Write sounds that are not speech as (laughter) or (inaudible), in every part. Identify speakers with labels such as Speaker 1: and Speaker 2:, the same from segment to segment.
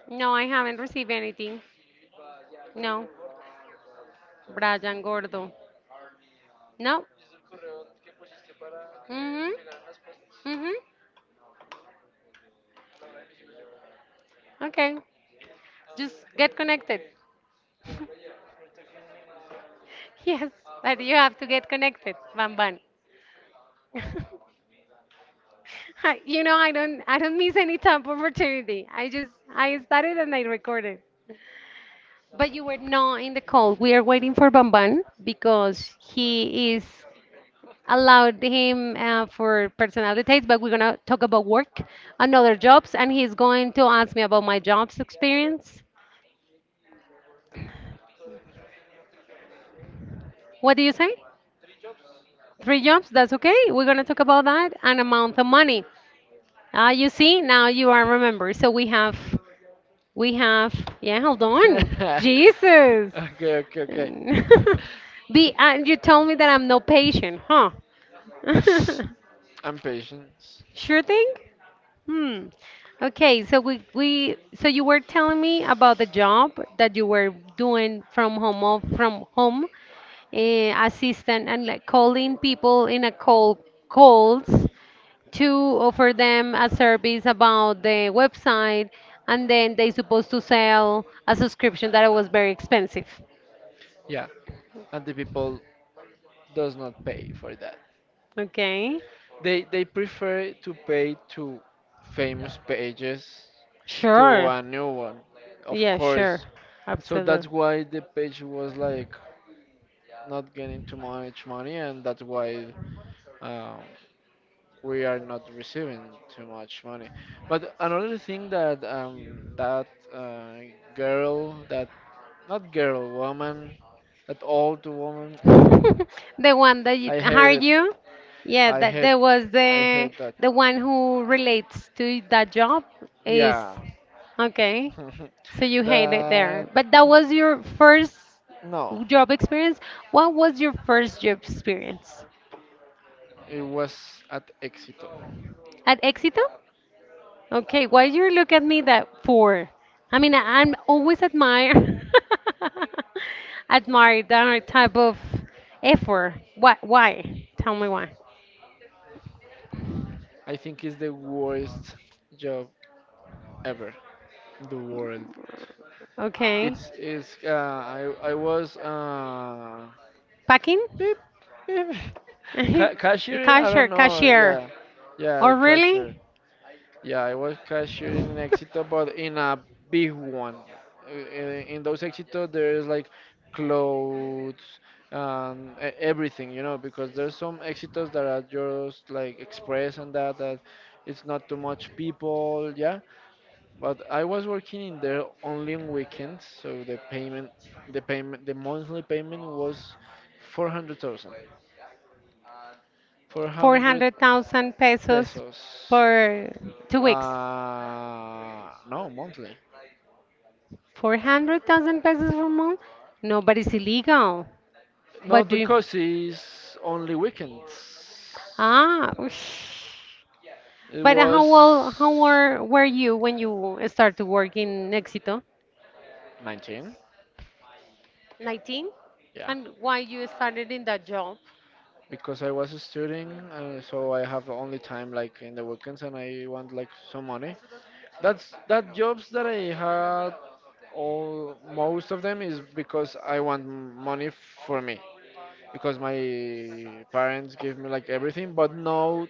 Speaker 1: No, I haven't received anything. No. Brian Gordo. No. Mm-hmm. Mm-hmm. Okay. Just get connected. (laughs) Yes, but you have to get connected, Bam Bam. (laughs) I don't miss any type of opportunity. I started and I recorded. But you were not in the call. We are waiting for Bamban because he is allowed him for personal details, but we're gonna talk about work and other jobs, and he's going to ask me about my jobs experience. What do you say? Three jobs? That's okay. We're gonna talk about that and amount of money. Ah, you see, now you are remember. So we have. Yeah, hold
Speaker 2: (laughs)
Speaker 1: on.
Speaker 2: Okay,
Speaker 1: Jesus.
Speaker 2: okay, okay.
Speaker 1: (laughs) Be and you told me that I'm no patient, huh? (laughs)
Speaker 2: And patience.
Speaker 1: Sure thing. Hmm. Okay, so we so you were telling me about the job that you were doing from home, assistant, and like calling people in a cold calls to offer them a service about the website, and then they supposed to sell a subscription that was very expensive.
Speaker 2: Yeah, and the people does not pay for that.
Speaker 1: Okay.
Speaker 2: They prefer to pay to famous pages to
Speaker 1: Sure.
Speaker 2: a new one, of
Speaker 1: Yeah, sure.
Speaker 2: course. So that's
Speaker 1: Absolutely.
Speaker 2: why the page was like not getting too much money, and that's why um, we are not receiving too much money. But another thing that girl, that not girl, woman, at all to woman.
Speaker 1: (laughs) The one that you,
Speaker 2: I
Speaker 1: are
Speaker 2: hate it.
Speaker 1: you? Yeah,
Speaker 2: I
Speaker 1: that
Speaker 2: hate,
Speaker 1: there was
Speaker 2: I
Speaker 1: the
Speaker 2: hate that.
Speaker 1: one who relates to that job is
Speaker 2: Yeah,
Speaker 1: okay. So you
Speaker 2: (laughs)
Speaker 1: hate it there,
Speaker 2: that
Speaker 1: but that was your first
Speaker 2: no.
Speaker 1: job experience. What was your first job experience
Speaker 2: It was at Exito.
Speaker 1: at Éxito? Okay, why you look at me that poor? I mean, I'm always admire (laughs) admire that type of effort. Why? Why? Tell me why.
Speaker 2: I think it's the worst job ever in the world.
Speaker 1: Okay,
Speaker 2: It's I was
Speaker 1: packing,
Speaker 2: beep beep (laughs)
Speaker 1: (laughs)
Speaker 2: cashier. I
Speaker 1: cashier,
Speaker 2: don't know.
Speaker 1: cashier.
Speaker 2: Yeah, yeah,
Speaker 1: Oh,
Speaker 2: the
Speaker 1: really?
Speaker 2: Yeah, I was cashier in an Éxito, but in a big one. In those Éxitos, there's like clothes and everything, because there's some Éxitos that are just like express and that it's not too much people, yeah. But I was working in there only on weekends, so the monthly payment was 400,000, 400
Speaker 1: 400,000 pesos
Speaker 2: pesos.
Speaker 1: per 2 weeks.
Speaker 2: No, monthly.
Speaker 1: 400,000 pesos per month? No, but it's illegal. But
Speaker 2: Not
Speaker 1: do you?
Speaker 2: because it's only weekends.
Speaker 1: Ah, ush.
Speaker 2: It
Speaker 1: But how
Speaker 2: was
Speaker 1: old, how were, were you when you started to work in Éxito?
Speaker 2: 19,
Speaker 1: 19?
Speaker 2: yeah.
Speaker 1: And why you started in that job?
Speaker 2: Because I was studying, so I have only time like in the weekends, and I want like some money. That's that jobs that I had. All most of them is because I want money for me. Because my parents give me like everything, but no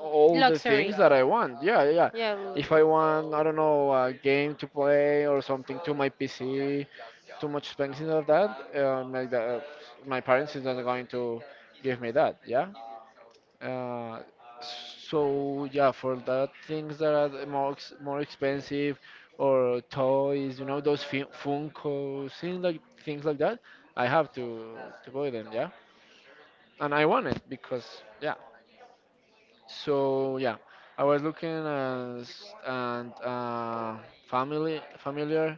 Speaker 2: all the
Speaker 1: Luxury.
Speaker 2: things that I want. Yeah, yeah. Yeah.
Speaker 1: Yeah.
Speaker 2: If I want, I don't know, a game to play or something to my PC, too much expensive of that, like that, my parents is not going to give me that. Yeah. Uh, so yeah, for that things that are more more expensive or toys, those Funko things like that, I have to buy them. Yeah, and I want it because yeah. So yeah, I was looking as and family familiar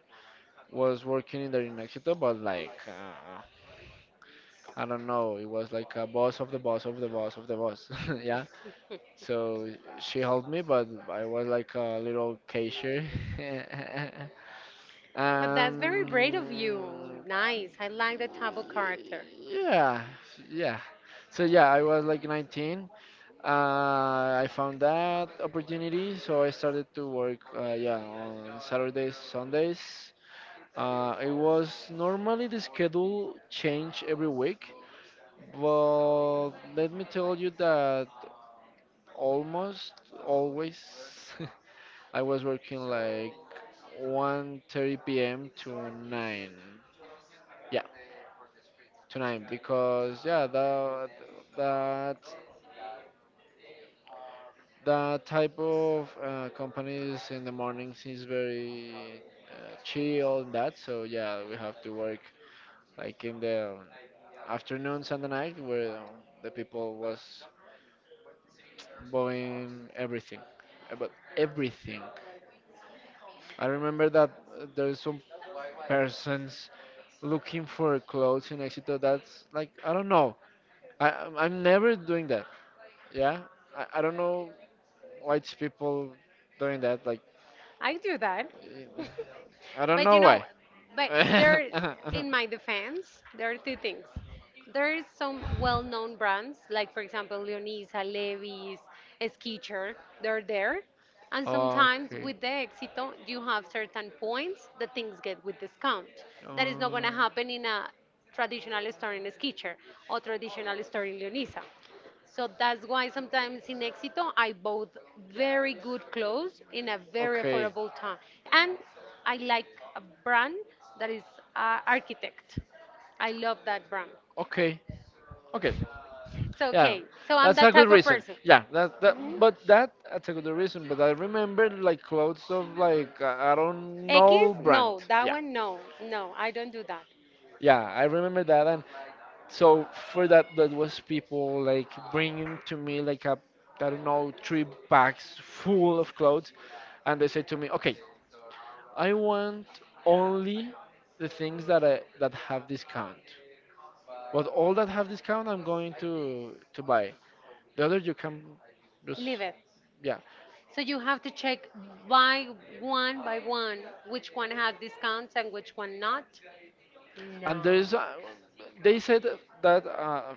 Speaker 2: was working in the in Éxito, but like I don't know, it was like a boss of the boss of the boss of the boss. (laughs) Yeah. So she helped me, but I was like a little cashier. (laughs)
Speaker 1: But that's very
Speaker 2: um.
Speaker 1: brave of you. Nice. I like that type of character.
Speaker 2: Yeah. Yeah. So yeah, I was like 19. I found that opportunity, so I started to work, yeah, on Saturdays, Sundays. It was normally the schedule changed every week, but let me tell you that almost always (laughs) I was working like 1:30 p.m. to 9. Yeah, to 9 because yeah, that That type of companies in the mornings is very chill and that. So yeah, we have to work like in the afternoons and the night where the people was buying everything, about everything. I remember that there's some persons looking for clothes in Exito. That's like I don't know. I'm never doing that. Yeah, I don't know why it's people doing that. Like.
Speaker 1: I do that.
Speaker 2: I
Speaker 1: (laughs)
Speaker 2: don't
Speaker 1: But
Speaker 2: know why.
Speaker 1: but there,
Speaker 2: (laughs)
Speaker 1: in my defense, there are two things. There is some well-known brands, like for example, Leonisa, Levi's, Skechers. They're there, and sometimes
Speaker 2: Okay.
Speaker 1: with the Éxito, you have certain points that things get with discount. That is not
Speaker 2: Um,
Speaker 1: going to happen in a traditional store in Skechers or traditional store in Leonisa. So that's why sometimes in Éxito I bought very good clothes in a very
Speaker 2: okay.
Speaker 1: affordable time. And I like a brand that is Architect. I love that brand.
Speaker 2: Okay. Okay.
Speaker 1: So
Speaker 2: Yeah.
Speaker 1: okay, so I'm
Speaker 2: That's
Speaker 1: that
Speaker 2: a good
Speaker 1: type of
Speaker 2: reason.
Speaker 1: person.
Speaker 2: Yeah. That,
Speaker 1: Mhm.
Speaker 2: but that's a good reason. But I remember like clothes of like I don't
Speaker 1: X?
Speaker 2: know brand.
Speaker 1: No, that
Speaker 2: Yeah.
Speaker 1: one, no, no, I don't do that.
Speaker 2: Yeah. I remember that. So for that, that was people like bringing to me like a, I don't know, three bags full of clothes, and they said to me, okay, I want only the things that that have discount. But all that have discount, I'm going to buy. The other you can just
Speaker 1: Leave it.
Speaker 2: yeah.
Speaker 1: So you have to check by by one which one had discounts and which one not.
Speaker 2: And
Speaker 1: No.
Speaker 2: there's, they said that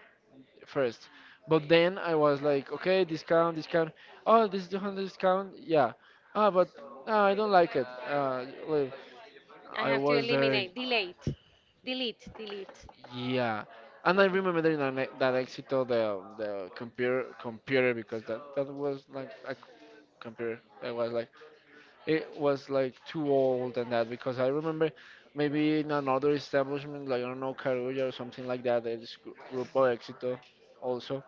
Speaker 2: first. But then I was like, okay, discount, discount. Oh, this is 200 discount. Yeah. Ah, but ah, I don't like it. Well,
Speaker 1: I
Speaker 2: I
Speaker 1: have to
Speaker 2: was there.
Speaker 1: eliminate, delete, delete, delete.
Speaker 2: Yeah. And I remember that that Exito the computer because that was like a computer. It was like too old and that because I remember maybe in another establishment like I don't know Carulla or something like that. There's Grupo Exito also,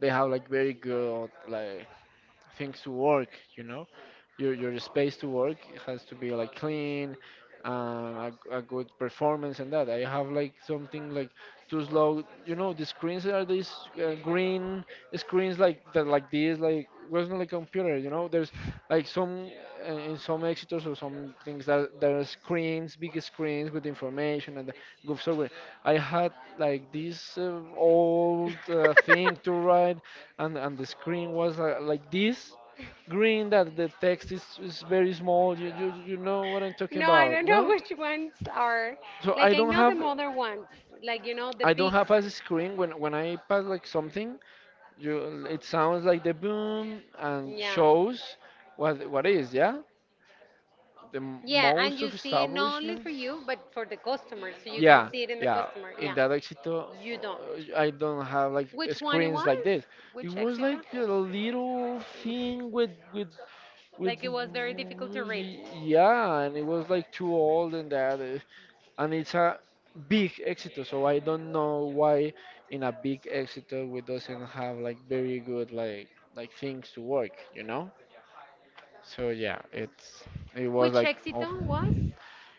Speaker 2: they have like very good like things to work you know your space to work has to be like clean, uh, a, a good performance, and that I have like something like too slow. The screens are these green screens like that, like this, like wasn't like computer. There's like some in some exitors or some things that there are screens big screens with information and the good software. I had like this old thing to
Speaker 1: (laughs)
Speaker 2: write, and the screen was like this green that the text is very small, you know what I'm talking
Speaker 1: No, I
Speaker 2: about?
Speaker 1: don't know
Speaker 2: No.
Speaker 1: which ones are.
Speaker 2: So
Speaker 1: Like,
Speaker 2: i
Speaker 1: I
Speaker 2: don't
Speaker 1: know the
Speaker 2: have
Speaker 1: mother ones, like, the
Speaker 2: i
Speaker 1: big.
Speaker 2: don't have a screen when I pass like something. You, it sounds like the boom and
Speaker 1: Yeah.
Speaker 2: shows what is, yeah, the
Speaker 1: Yeah, and
Speaker 2: most
Speaker 1: you
Speaker 2: of
Speaker 1: see it not only for
Speaker 2: establishments,
Speaker 1: you, but for the customer, so you can
Speaker 2: yeah,
Speaker 1: see it in the
Speaker 2: yeah.
Speaker 1: customer. Yeah.
Speaker 2: In that Éxito,
Speaker 1: You don't.
Speaker 2: I don't have like
Speaker 1: Which one it
Speaker 2: screens like
Speaker 1: was?
Speaker 2: this. It
Speaker 1: Which
Speaker 2: was
Speaker 1: Exita?
Speaker 2: like a little thing with
Speaker 1: Like it was very difficult to read.
Speaker 2: yeah, and it was like too old and that, and it's a big Éxito, so I don't know why in a big Éxito we doesn't have like very good like things to work. So yeah, it was
Speaker 1: Which
Speaker 2: like
Speaker 1: exit
Speaker 2: awful.
Speaker 1: was?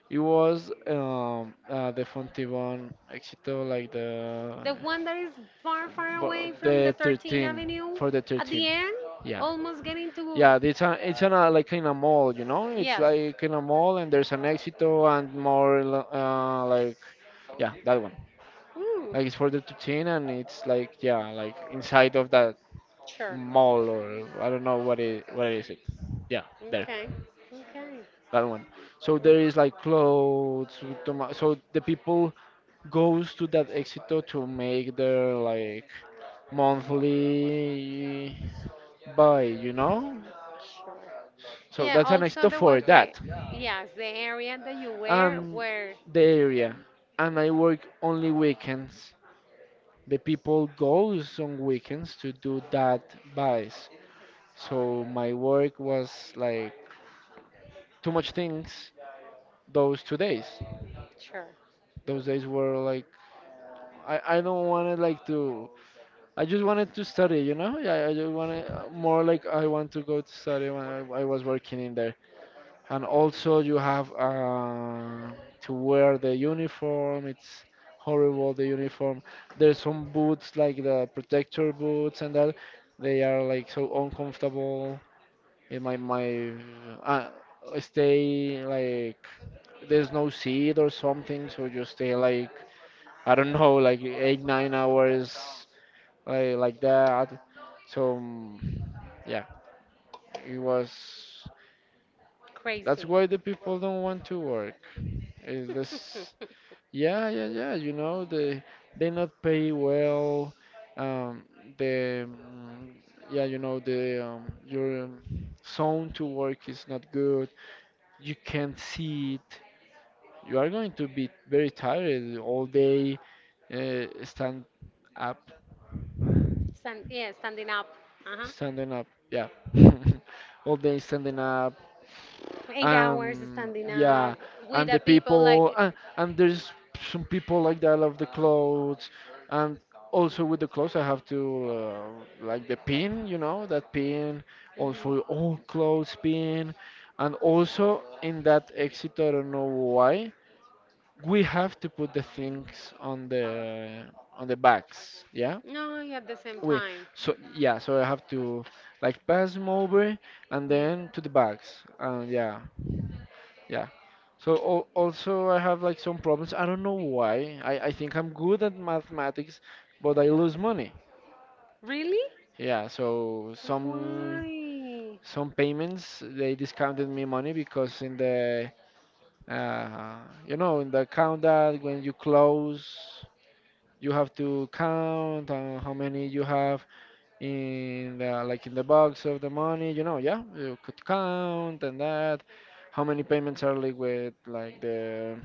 Speaker 2: It was the Fontibón Éxito, like the
Speaker 1: The one that is far, far
Speaker 2: bu-
Speaker 1: away from
Speaker 2: the
Speaker 1: the 13th
Speaker 2: 13
Speaker 1: Avenue
Speaker 2: for the
Speaker 1: at the
Speaker 2: 13.
Speaker 1: end,
Speaker 2: Yeah,
Speaker 1: almost getting to.
Speaker 2: yeah. It's in a, like, in a mall, It's
Speaker 1: Yes.
Speaker 2: like in a mall, and there's an Éxito and more like, yeah, that one.
Speaker 1: Ooh,
Speaker 2: Like it's for the 13, and it's like, yeah, like inside of that
Speaker 1: sure.
Speaker 2: mall or I don't know what is it. Yeah, there,
Speaker 1: Okay. Okay.
Speaker 2: that one. So there is
Speaker 1: Okay.
Speaker 2: like clothes. So the people goes to that Éxito to make their like monthly buy, you know?
Speaker 1: Sure.
Speaker 2: So
Speaker 1: Yeah,
Speaker 2: that's an
Speaker 1: also
Speaker 2: Éxito
Speaker 1: there was
Speaker 2: for
Speaker 1: the,
Speaker 2: that.
Speaker 1: yes, the area that
Speaker 2: And the area. And I work only weekends. The people goes on weekends to do that buys. So my work was like too much things those 2 days.
Speaker 1: sure,
Speaker 2: Those days were like I don't wanna like to I just wanted to study, you know? Yeah, I just wanted more like I want to go to study when I was working in there. And also, you have to wear the uniform. It's horrible, the uniform. There's some boots, like the protector boots and that. They are like so uncomfortable. In my uh, stay, like, there's no seat or something, so you stay like I don't know, like eight, 9 hours like that. So yeah, it was. That's
Speaker 1: crazy.
Speaker 2: why the people don't want to work. Is this?
Speaker 1: (laughs)
Speaker 2: Yeah, yeah, yeah. You know, they not pay well. Um, the yeah, the your zone to work is not good. You can't see it. You are going to be very tired all day. Uh, stand up,
Speaker 1: Yeah, standing up. Uh-huh.
Speaker 2: standing up. Yeah, (laughs) all day standing up,
Speaker 1: 8 hours
Speaker 2: and
Speaker 1: standing up
Speaker 2: yeah,
Speaker 1: with
Speaker 2: and
Speaker 1: the
Speaker 2: the
Speaker 1: people like.
Speaker 2: people and there's some people like that love the clothes, and also with the clothes I have to like the pin, that pin,
Speaker 1: Mhm.
Speaker 2: also all clothes pin, and also in that exit I don't know why we have to put the things on the bags, yeah,
Speaker 1: No, at the same
Speaker 2: we,
Speaker 1: time.
Speaker 2: so yeah, so I have to like pass them over and
Speaker 1: Mhm.
Speaker 2: then to the bags, and yeah, yeah. So also I have like some problems. I don't know why. I think I'm good at mathematics, but I lose money.
Speaker 1: Really?
Speaker 2: Yeah, so some
Speaker 1: Why?
Speaker 2: some payments they discounted me money, because in the uh, you know, in the account that when you close you have to count, how many you have in like in the box of the money, you know, yeah, you could count and that, how many payments are linked with like the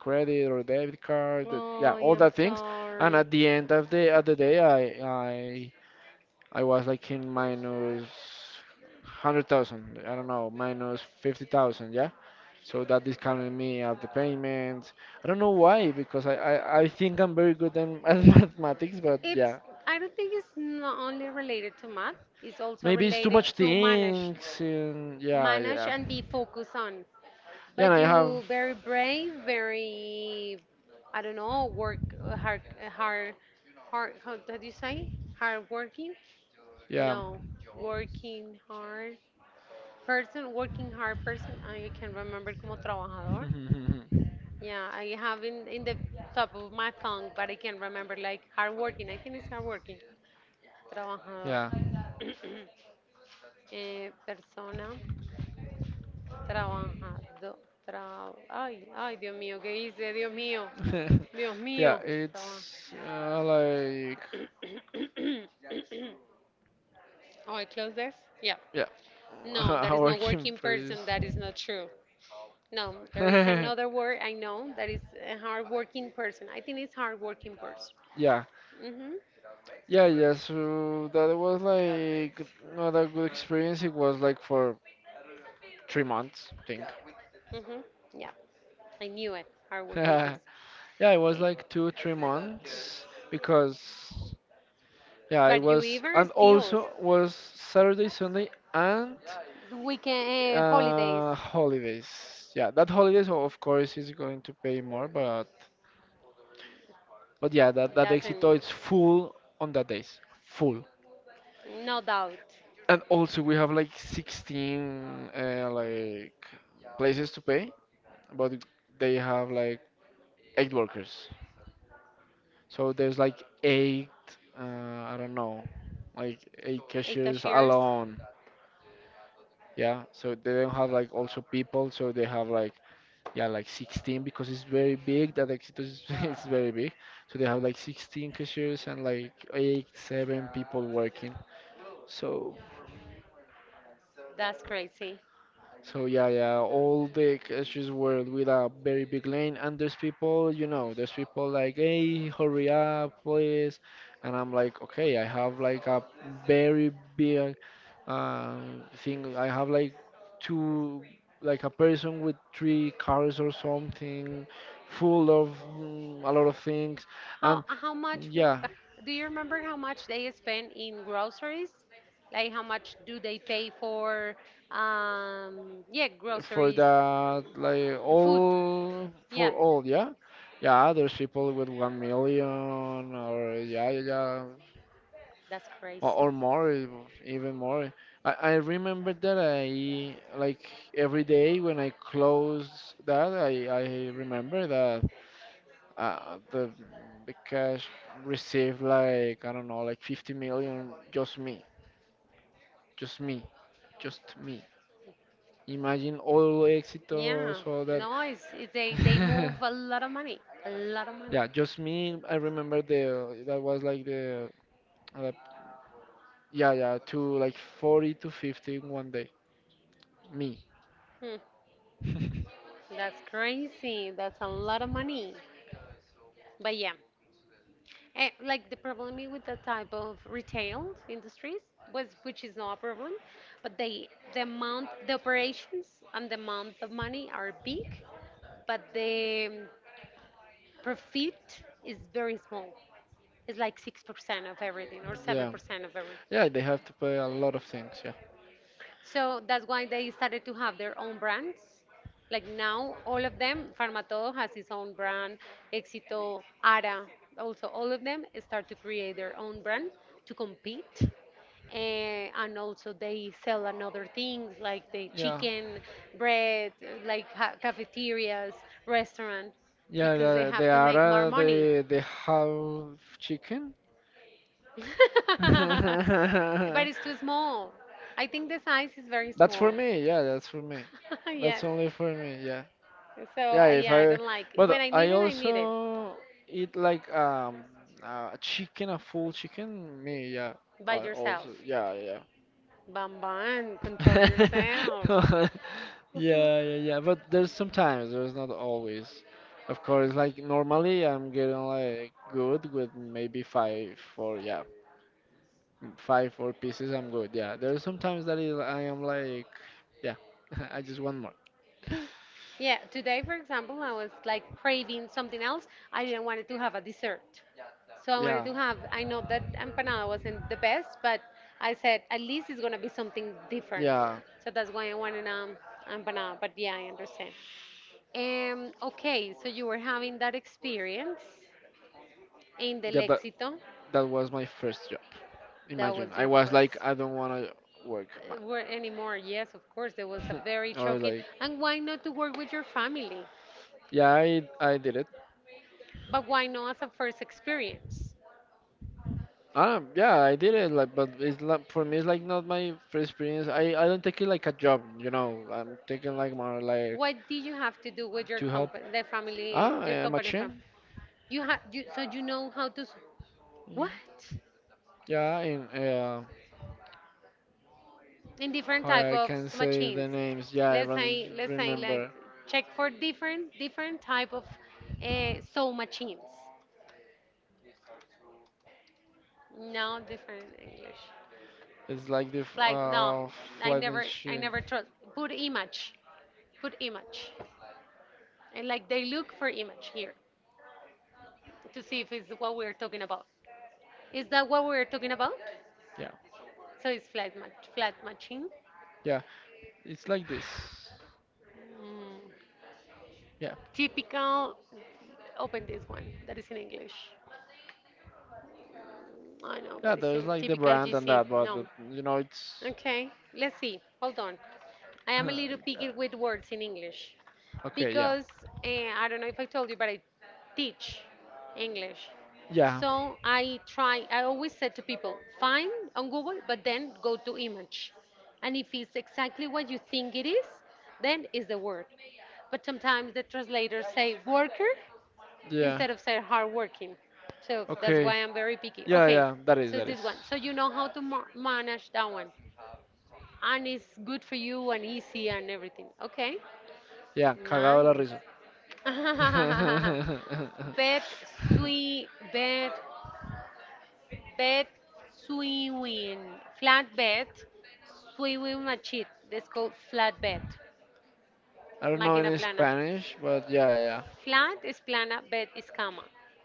Speaker 2: credit or debit card,
Speaker 1: Oh,
Speaker 2: yeah, all
Speaker 1: I'm
Speaker 2: that things.
Speaker 1: sorry.
Speaker 2: And at the end of the day, I was like in minus 100,000, I don't know, minus 50,000, yeah. So that discounted me at the payments. I don't know why, because I think I'm very good in (laughs) at mathematics, but
Speaker 1: it's
Speaker 2: yeah,
Speaker 1: i don't think it's not only related to math, it's also
Speaker 2: maybe it's too
Speaker 1: related
Speaker 2: much
Speaker 1: to manage
Speaker 2: things, and yeah, yeah.
Speaker 1: and be focused on.
Speaker 2: Yeah,
Speaker 1: But
Speaker 2: and I have
Speaker 1: you very brave, very, I don't know, work hard, hard, hard. How did you say? Hard working?
Speaker 2: yeah.
Speaker 1: No, working hard person, working hard person. I can remember como trabajador. Yeah, I have in the top of my tongue, but I can remember like hard working. I think it's hard working. Trabajador.
Speaker 2: (laughs) Yeah.
Speaker 1: (clears throat) Persona. Trabajar. Ay, ay, Dios mío, ¿qué hice? Dios mío. Dios
Speaker 2: (laughs)
Speaker 1: mío.
Speaker 2: Yeah,
Speaker 1: Trabajar.
Speaker 2: it's like
Speaker 1: (coughs) Oh, I close this? Yeah.
Speaker 2: yeah,
Speaker 1: No, that
Speaker 2: (laughs)
Speaker 1: is
Speaker 2: a
Speaker 1: not
Speaker 2: working
Speaker 1: working person.
Speaker 2: place.
Speaker 1: That is not true. No, there is
Speaker 2: (laughs)
Speaker 1: another word I know that is a hardworking person. I think it's hardworking person.
Speaker 2: Yeah,
Speaker 1: Mm-hmm.
Speaker 2: yeah, yeah. So that was like not a good experience. It was like for 3 months, I think.
Speaker 1: Mm-hmm. Yeah, I knew it.
Speaker 2: (laughs)
Speaker 1: Hardworking person.
Speaker 2: Yeah, it
Speaker 1: Eh,
Speaker 2: was like two, 3 months, because yeah,
Speaker 1: But
Speaker 2: it
Speaker 1: you
Speaker 2: was,
Speaker 1: even
Speaker 2: and
Speaker 1: still,
Speaker 2: also was Saturday, Sunday, and
Speaker 1: weekend, holidays.
Speaker 2: holidays. Yeah, that holidays of course is going to pay more, but yeah, that
Speaker 1: Doesn't,
Speaker 2: Éxito is full on that days. Full.
Speaker 1: no doubt.
Speaker 2: And also we have like 16 like places to pay, but they have like eight workers. So there's like eight, I don't know, like eight
Speaker 1: Eight
Speaker 2: cashiers
Speaker 1: cashiers,
Speaker 2: alone. Yeah. So they don't have like also people. So they have like, yeah, like 16 because it's very big. That Éxitos is, (laughs) is very big. So they have like 16 cashiers and like eight, seven people working. So
Speaker 1: that's crazy.
Speaker 2: So yeah, yeah, all the streets were with a very big lane, and there's people, there's people like, hey, hurry up, please, and I'm like, okay, I have like a very big thing. I have like two, like a person with three cars or something, full of a lot of things,
Speaker 1: How
Speaker 2: and
Speaker 1: how much?
Speaker 2: yeah,
Speaker 1: (laughs) Do you remember how much they spend in groceries? Like how much do they pay for? Yeah,
Speaker 2: for
Speaker 1: groceries,
Speaker 2: that like
Speaker 1: food.
Speaker 2: all
Speaker 1: Yeah,
Speaker 2: for all, yeah. Yeah, there's people with 1,000,000, or yeah, yeah, yeah,
Speaker 1: that's
Speaker 2: or,
Speaker 1: crazy.
Speaker 2: even more. I remember that I, every day when I close that I remember that uh, the the cash received like I don't know, like 50 million. Just me, just me, just me. Imagine all
Speaker 1: Yeah,
Speaker 2: Éxitos, all that.
Speaker 1: no, they move a lot
Speaker 2: (laughs)
Speaker 1: of money, a lot of money.
Speaker 2: Yeah, just me. I remember the that was like the uh, yeah, yeah, to like 40 to 50 in one day. Me.
Speaker 1: Hmm,
Speaker 2: (laughs)
Speaker 1: that's crazy. That's a lot of money. But yeah, like the problem with the type of retail industries was, which is not a problem, but the amount, the operations and the amount of money are big, but the profit is very small. It's like 6% of everything or seven
Speaker 2: Yeah.
Speaker 1: percent of everything.
Speaker 2: Yeah, they have to pay a lot of things. Yeah.
Speaker 1: So that's why they started to have their own brands. Like now, all of them, Farmatodo has its own brand, Éxito, Ara, also all of them start to create their own brand to compete. And also they sell another things like the chicken, bread, like cafeterias, restaurant,
Speaker 2: Yeah,
Speaker 1: because they
Speaker 2: the,
Speaker 1: have
Speaker 2: the
Speaker 1: to make more
Speaker 2: Ara,
Speaker 1: money.
Speaker 2: the half chicken.
Speaker 1: (laughs) But
Speaker 2: (laughs)
Speaker 1: it's too
Speaker 2: (laughs)
Speaker 1: small. I think the size is very
Speaker 2: It's
Speaker 1: small.
Speaker 2: small. I guess it's very That's for
Speaker 1: (laughs)
Speaker 2: me. Yeah, that's for me. Yeah,
Speaker 1: Yes.
Speaker 2: that's Yeah, only for me. Yeah.
Speaker 1: So
Speaker 2: Yeah,
Speaker 1: yeah,
Speaker 2: if
Speaker 1: I don't
Speaker 2: I,
Speaker 1: like it. When
Speaker 2: but I
Speaker 1: I need it
Speaker 2: also eat like a chicken, a full chicken. Me, yeah.
Speaker 1: by
Speaker 2: I
Speaker 1: yourself.
Speaker 2: also, yeah, yeah.
Speaker 1: Bam bam, control yourself.
Speaker 2: (laughs) Yeah, yeah, yeah. But there's sometimes, there's not always. Of course, like normally I'm getting like good with maybe five or yeah, five four pieces. I'm good. Yeah. There's sometimes that is, I am like, yeah, (laughs) I just want more.
Speaker 1: Yeah, today, for example, I was like craving something else. I didn't wanted to have a dessert. So I wanted to
Speaker 2: Yeah.
Speaker 1: have, I know that empanada wasn't the best, but I said at least it's gonna be something different.
Speaker 2: Yeah,
Speaker 1: So that's why I wanted empanada. But yeah, I understand. Okay, so you were having that experience in the
Speaker 2: yeah, that
Speaker 1: Lexito.
Speaker 2: that was my first job.
Speaker 1: That was
Speaker 2: Imagine,
Speaker 1: your
Speaker 2: I was
Speaker 1: first.
Speaker 2: like, I don't want to work.
Speaker 1: Were anymore? Yes, of course. There was a very
Speaker 2: (laughs) I
Speaker 1: shocking.
Speaker 2: was like,
Speaker 1: And why not to work with your family?
Speaker 2: yeah, I did it.
Speaker 1: But why not as a first experience?
Speaker 2: Ah, yeah, I did it. Like, but it's not for me. It's like not my first experience. I don't take it like a job. You know, I'm taking like more like
Speaker 1: What did you have to do with your
Speaker 2: to
Speaker 1: company,
Speaker 2: help.
Speaker 1: the family,
Speaker 2: Ah,
Speaker 1: your
Speaker 2: a
Speaker 1: company fam?
Speaker 2: machine.
Speaker 1: You have you, so you know how to what,
Speaker 2: Mm. Yeah, and
Speaker 1: in different
Speaker 2: how
Speaker 1: type
Speaker 2: I
Speaker 1: of
Speaker 2: can say
Speaker 1: machines.
Speaker 2: the names. Yeah,
Speaker 1: Let's
Speaker 2: I
Speaker 1: say
Speaker 2: don't
Speaker 1: let's say like
Speaker 2: remember.
Speaker 1: check for different type of sew machines. No different English.
Speaker 2: It's like
Speaker 1: It's like no, I
Speaker 2: flight
Speaker 1: never I never
Speaker 2: machine.
Speaker 1: trust. Put image. Put image. And like they look for image here to see if it's what we're talking about. Is that what we're talking about?
Speaker 2: Yeah,
Speaker 1: So it's flat matching.
Speaker 2: yeah. It's like this. Yeah,
Speaker 1: Typical open this one that is in English. I know, but
Speaker 2: yeah.
Speaker 1: it's a
Speaker 2: There's like the
Speaker 1: typical
Speaker 2: brand
Speaker 1: GC.
Speaker 2: and that,
Speaker 1: No.
Speaker 2: but you know, it's.
Speaker 1: Okay, let's see. Hold on. I am a little picky
Speaker 2: (laughs)
Speaker 1: with words in English
Speaker 2: Okay,
Speaker 1: because
Speaker 2: yeah,
Speaker 1: I don't know if I told you, but I teach English.
Speaker 2: yeah,
Speaker 1: So I always said to people, find on Google, but then go to image. And if it's exactly what you think it is, then is the word. But sometimes the translators say worker instead
Speaker 2: yeah.
Speaker 1: of say hardworking. So that's why
Speaker 2: Okay,
Speaker 1: I'm very picky.
Speaker 2: yeah,
Speaker 1: Okay,
Speaker 2: yeah. That
Speaker 1: so it's
Speaker 2: is,
Speaker 1: this
Speaker 2: that is.
Speaker 1: one. So you know how to manage that one, and it's good for you and easy and everything. Okay,
Speaker 2: Ya, cagado
Speaker 1: nice.
Speaker 2: de la risa.
Speaker 1: (laughs) Bed,
Speaker 2: (laughs)
Speaker 1: swi bed, bed, swimming, flat bed, swimming machine. That's called flat bed,
Speaker 2: I don't
Speaker 1: máquina
Speaker 2: know any
Speaker 1: plana.
Speaker 2: Spanish, but yeah, yeah.
Speaker 1: Flat is plana, bed is cama.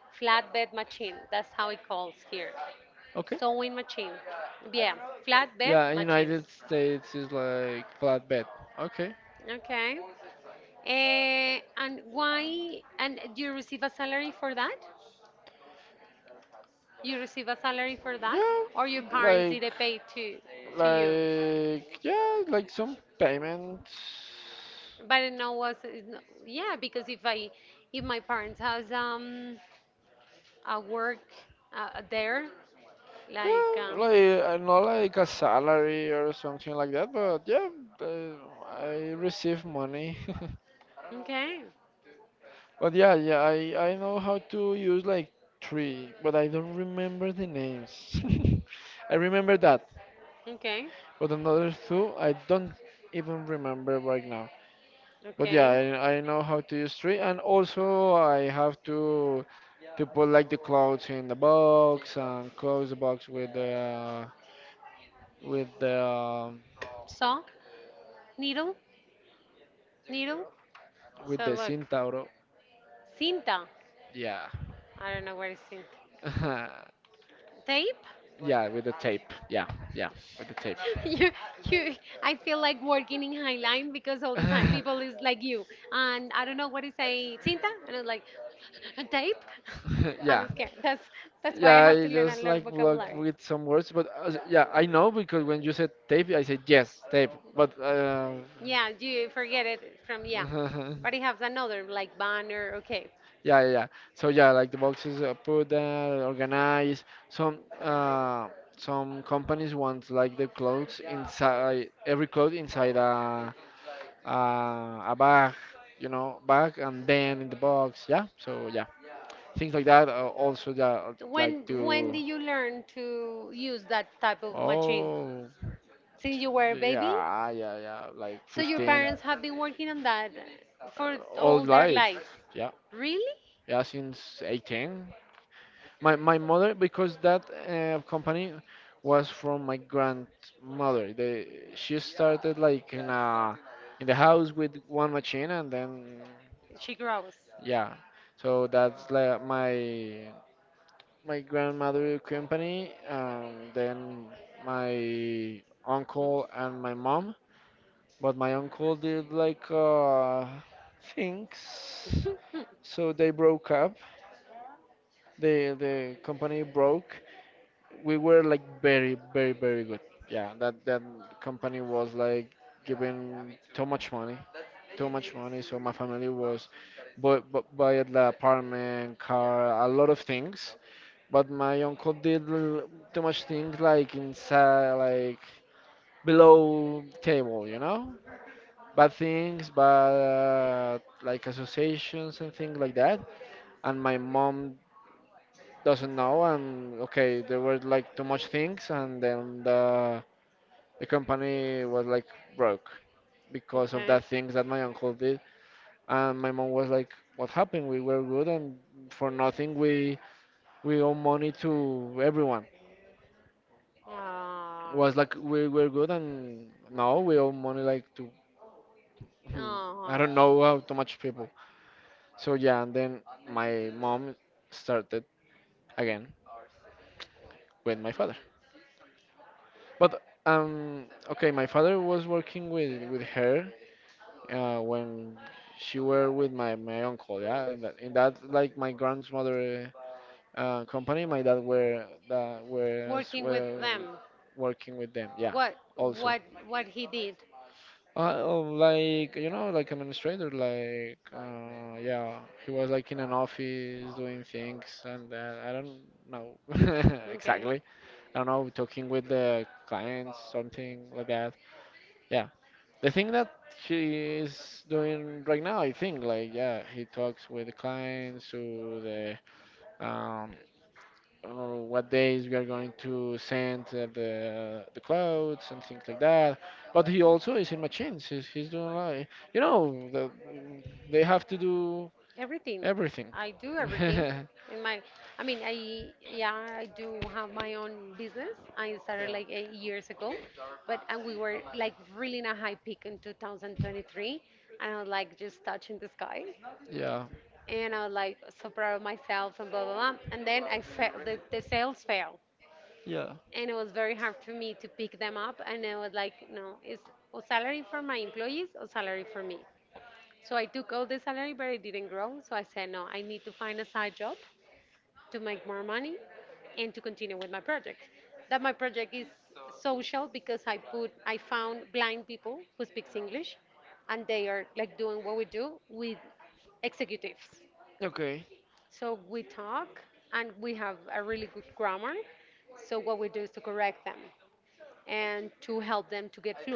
Speaker 1: Flat bed machine. That's how it calls here.
Speaker 2: Okay.
Speaker 1: Sewing machine. Yeah, flat bed
Speaker 2: Yeah, in
Speaker 1: machines.
Speaker 2: United States is like flatbed. Okay.
Speaker 1: Okay. And why? And do you receive a salary for that? You receive a salary for that,
Speaker 2: Yeah,
Speaker 1: or your parents did it
Speaker 2: like,
Speaker 1: pay to you?
Speaker 2: like, yeah, like some payments.
Speaker 1: But it no was it yeah, because if my parents has a work, there, like,
Speaker 2: Yeah, like not like a salary or something like that, but yeah, uh, I receive money. (laughs)
Speaker 1: okay,
Speaker 2: But yeah, yeah, I know how to use like three, but I don't remember the names. (laughs) I remember that,
Speaker 1: okay,
Speaker 2: but another two I don't even remember right now. But
Speaker 1: okay.
Speaker 2: yeah, I know how to use three, and also I have to put like the clothes in the box and close the box with the with the um,
Speaker 1: So, needle needle, so
Speaker 2: with the
Speaker 1: look,
Speaker 2: Cintauro.
Speaker 1: cinta.
Speaker 2: Yeah.
Speaker 1: I don't know what is cinta.
Speaker 2: (laughs)
Speaker 1: Tape.
Speaker 2: Yeah, with the tape. Yeah, yeah, with the tape.
Speaker 1: (laughs) you you I feel like working in Highline because all the time people is like you,
Speaker 2: (laughs)
Speaker 1: and I don't know what is a cinta, and I'm like (laughs) a tape. (laughs) I'm
Speaker 2: Yeah.
Speaker 1: scared. That's why I have
Speaker 2: Yeah,
Speaker 1: to
Speaker 2: I
Speaker 1: learn a lot
Speaker 2: just
Speaker 1: of
Speaker 2: like
Speaker 1: vocabulary.
Speaker 2: vlog with some words, but yeah, I know because when you said tape, I said yes, tape. But
Speaker 1: Yeah, you forget it from. Yeah,
Speaker 2: (laughs) yeah,
Speaker 1: but it has another like banner. Okay,
Speaker 2: yeah. Yeah. So yeah, like the boxes are put there, organized. Some companies want like the clothes inside, every clothes inside a bag, you know, bag, and then in the box, yeah. So yeah, things like that. Also, yeah,
Speaker 1: when
Speaker 2: like
Speaker 1: when did
Speaker 2: to.
Speaker 1: you learn to use that type of machine?
Speaker 2: Oh,
Speaker 1: Since you were a baby?
Speaker 2: yeah, yeah, yeah. Like
Speaker 1: So your parents
Speaker 2: 15,
Speaker 1: have been working on that for
Speaker 2: uh,
Speaker 1: all
Speaker 2: all
Speaker 1: their
Speaker 2: life.
Speaker 1: lives?
Speaker 2: Yeah,
Speaker 1: Really?
Speaker 2: yeah, since 18. My my mother, because that company was from my grandmother. They she started like in a in the house with one machine, and then
Speaker 1: She grows.
Speaker 2: Yeah, so that's like my grandmother company, then my
Speaker 1: Mm.
Speaker 2: uncle and my mom. But my uncle did like things,
Speaker 1: (laughs)
Speaker 2: so they broke up. The company broke, we were like very, very, very good. Yeah, that that company was like giving too much money, too much money. So my family was, but buy the apartment, car, a lot of things. But my uncle did too much things, like inside, like below table, you know, bad things, bad, like associations and things like that. And my mom doesn't know, and okay, there were like too much things, and then the company was like broke because
Speaker 1: Okay.
Speaker 2: of that things that my uncle did. And my mom was like, what happened? We were good, and for nothing we we owe money to everyone.
Speaker 1: Ah.
Speaker 2: Was like, we were good, and now we owe money like to hmm, I don't know
Speaker 1: Oh,
Speaker 2: how too much people. So yeah, and then my mom started again with my father. But okay, my father was working with her when she were with my, my uncle. Yeah, in that, in that, like my grandmother company, my dad were that
Speaker 1: working
Speaker 2: was
Speaker 1: with
Speaker 2: were
Speaker 1: them.
Speaker 2: working with them. Yeah,
Speaker 1: What what
Speaker 2: also.
Speaker 1: what he did?
Speaker 2: Oh, like you know, like administrator, like yeah, he was like in an office doing things, and I don't know (laughs)
Speaker 1: Okay.
Speaker 2: exactly. I don't know, talking with the clients, something like that. Yeah, the thing that she is doing right now, I think, like yeah, he talks with the clients to the um what days we are going to send the clothes and things like that. But he also is in machines. He's doing like you know the, they have to do
Speaker 1: Everything. I
Speaker 2: everything.
Speaker 1: do
Speaker 2: (laughs)
Speaker 1: everything.
Speaker 2: Yeah.
Speaker 1: In my, I mean, I do have my own business. I started like 8 years ago, but and we were like really in a high peak in 2023, and I was like just touching the sky.
Speaker 2: Yeah.
Speaker 1: And I was like so proud of myself and blah blah blah. And then I felt the sales fell,
Speaker 2: Yeah.
Speaker 1: and it was very hard for me to pick them up. And I was like, no, it's a salary for my employees or salary for me. So I took all the salary, but it didn't grow. So I said, no, I need to find a side job to make more money and to continue with my project. That my project is social because I found blind people who speaks English, and they are like doing what we do with executives,
Speaker 2: Okay.
Speaker 1: so we talk, and we have a really good grammar. So what we do is to correct them and to help them to get fluent.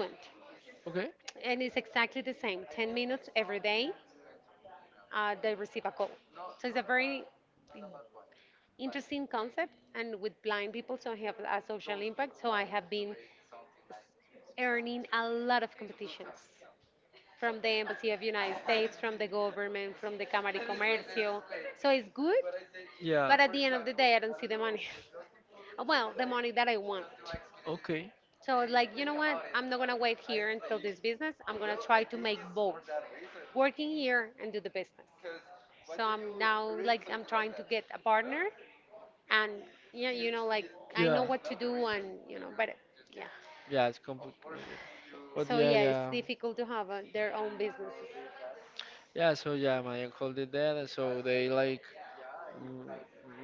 Speaker 2: Okay.
Speaker 1: And it's exactly the same 10 minutes every day, they receive a call. So it's a very interesting concept. And with blind people, so I have a social impact. So I have been earning a lot of competitions from the Embassy of United States, from the government, from the Cámara de Comercio. So it's good, but at
Speaker 2: Yeah.
Speaker 1: the end of the day, I don't see the money. (laughs) Well, the money that I want. So it's like, you know what? I'm not gonna wait here until this business. I'm gonna try to make both, working here and do the business. So I'm now like I'm trying to get a partner, and yeah, like I know what to do, and but yeah.
Speaker 2: Yeah, it's complicated.
Speaker 1: So
Speaker 2: But
Speaker 1: yeah,
Speaker 2: yeah,
Speaker 1: it's
Speaker 2: yeah.
Speaker 1: difficult to have their own businesses.
Speaker 2: Yeah, so yeah, my uncle did that, and so they like m-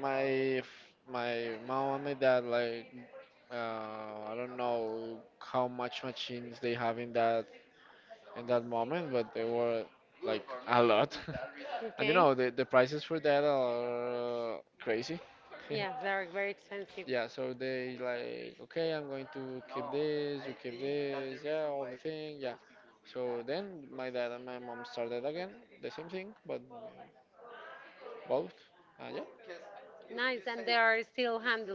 Speaker 2: my my mom and my dad like uh, I don't know how much machines they have in that moment, but they were like a lot. (laughs)
Speaker 1: Okay.
Speaker 2: And you know, the prices for that are crazy.
Speaker 1: Yeah,
Speaker 2: (laughs)
Speaker 1: they're very expensive.
Speaker 2: Yeah, so they like, okay, I'm going to keep this, you keep this, yeah, all the thing, yeah. So then my dad and my mom started again, the same thing, but both. Yeah,
Speaker 1: Nice, and they are still handled.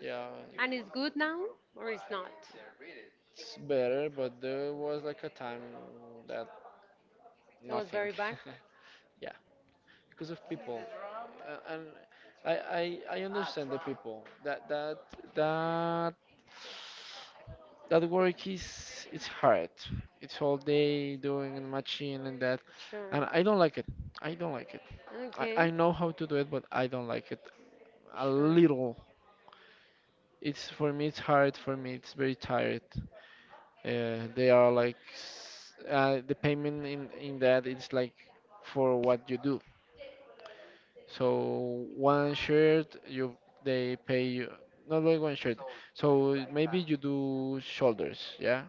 Speaker 2: yeah,
Speaker 1: And it's good now, or it's not?
Speaker 2: it's better, but there was like a time that
Speaker 1: That was very
Speaker 2: nothing.
Speaker 1: bad.
Speaker 2: (laughs) Because of people, and I understand the people that that that work is it's hard, it's all day doing and machine and that,
Speaker 1: Sure.
Speaker 2: and I don't like it, I don't like it.
Speaker 1: Okay.
Speaker 2: I know how to do it, but I don't like it a
Speaker 1: Sure. Sure.
Speaker 2: little. It's for me, it's hard for me, it's very tired. Uh, they are like the payment in that, it's like for what you do. So one shirt, you they pay you not like one shirt. So maybe you do shoulders, yeah?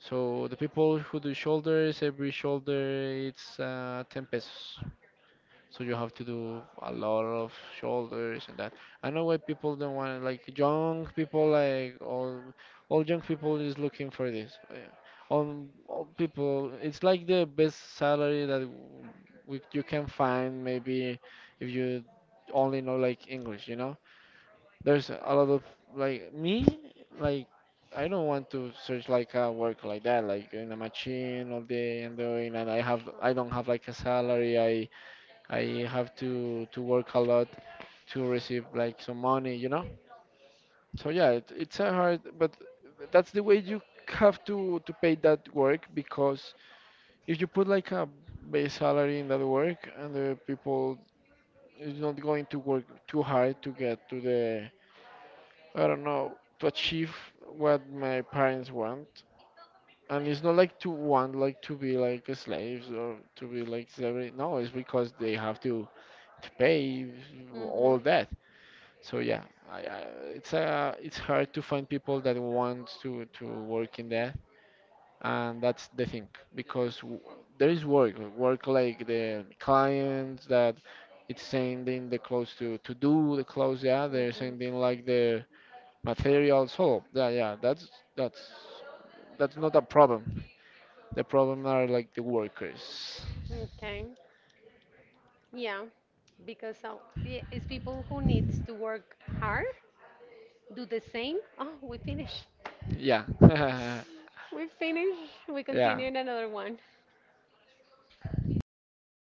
Speaker 2: So the people who do shoulders, every shoulder it's 10 pesos. So you have to do a lot of shoulders and that. I know why people don't want it. Like young people, like all young people is looking for this. Yeah. All people, it's like the best salary that we, you can find maybe if you only know like English. You know, there's a lot of like me, like I don't want to search like a work like that, like in a machine all day and doing, and I have I don't have like a salary. I have to work a lot to receive like some money, you know. So yeah, it, it's a hard, but that's the way you have to pay that work, because if you put like a base salary in that work and the people is not going to work too hard to get to the I don't know, to achieve what my parents want. And it's not like to want like to be like slaves or to be like slavery. No, it's because they have to pay
Speaker 1: Mhm.
Speaker 2: all that. So yeah, I, it's hard to find people that want to work in that, and that's the thing, because there is work, work like the clients that it's sending the clothes to do the clothes, yeah,
Speaker 1: Mhm.
Speaker 2: they're sending like the materials. So yeah, yeah, that's that's not a problem. The problem are like the workers.
Speaker 1: Okay. Yeah, because yeah, it's people who needs to work hard, do the same. Oh, we finish.
Speaker 2: Yeah,
Speaker 1: We finish. We
Speaker 2: (laughs)
Speaker 1: continue in
Speaker 2: yeah.
Speaker 1: another one.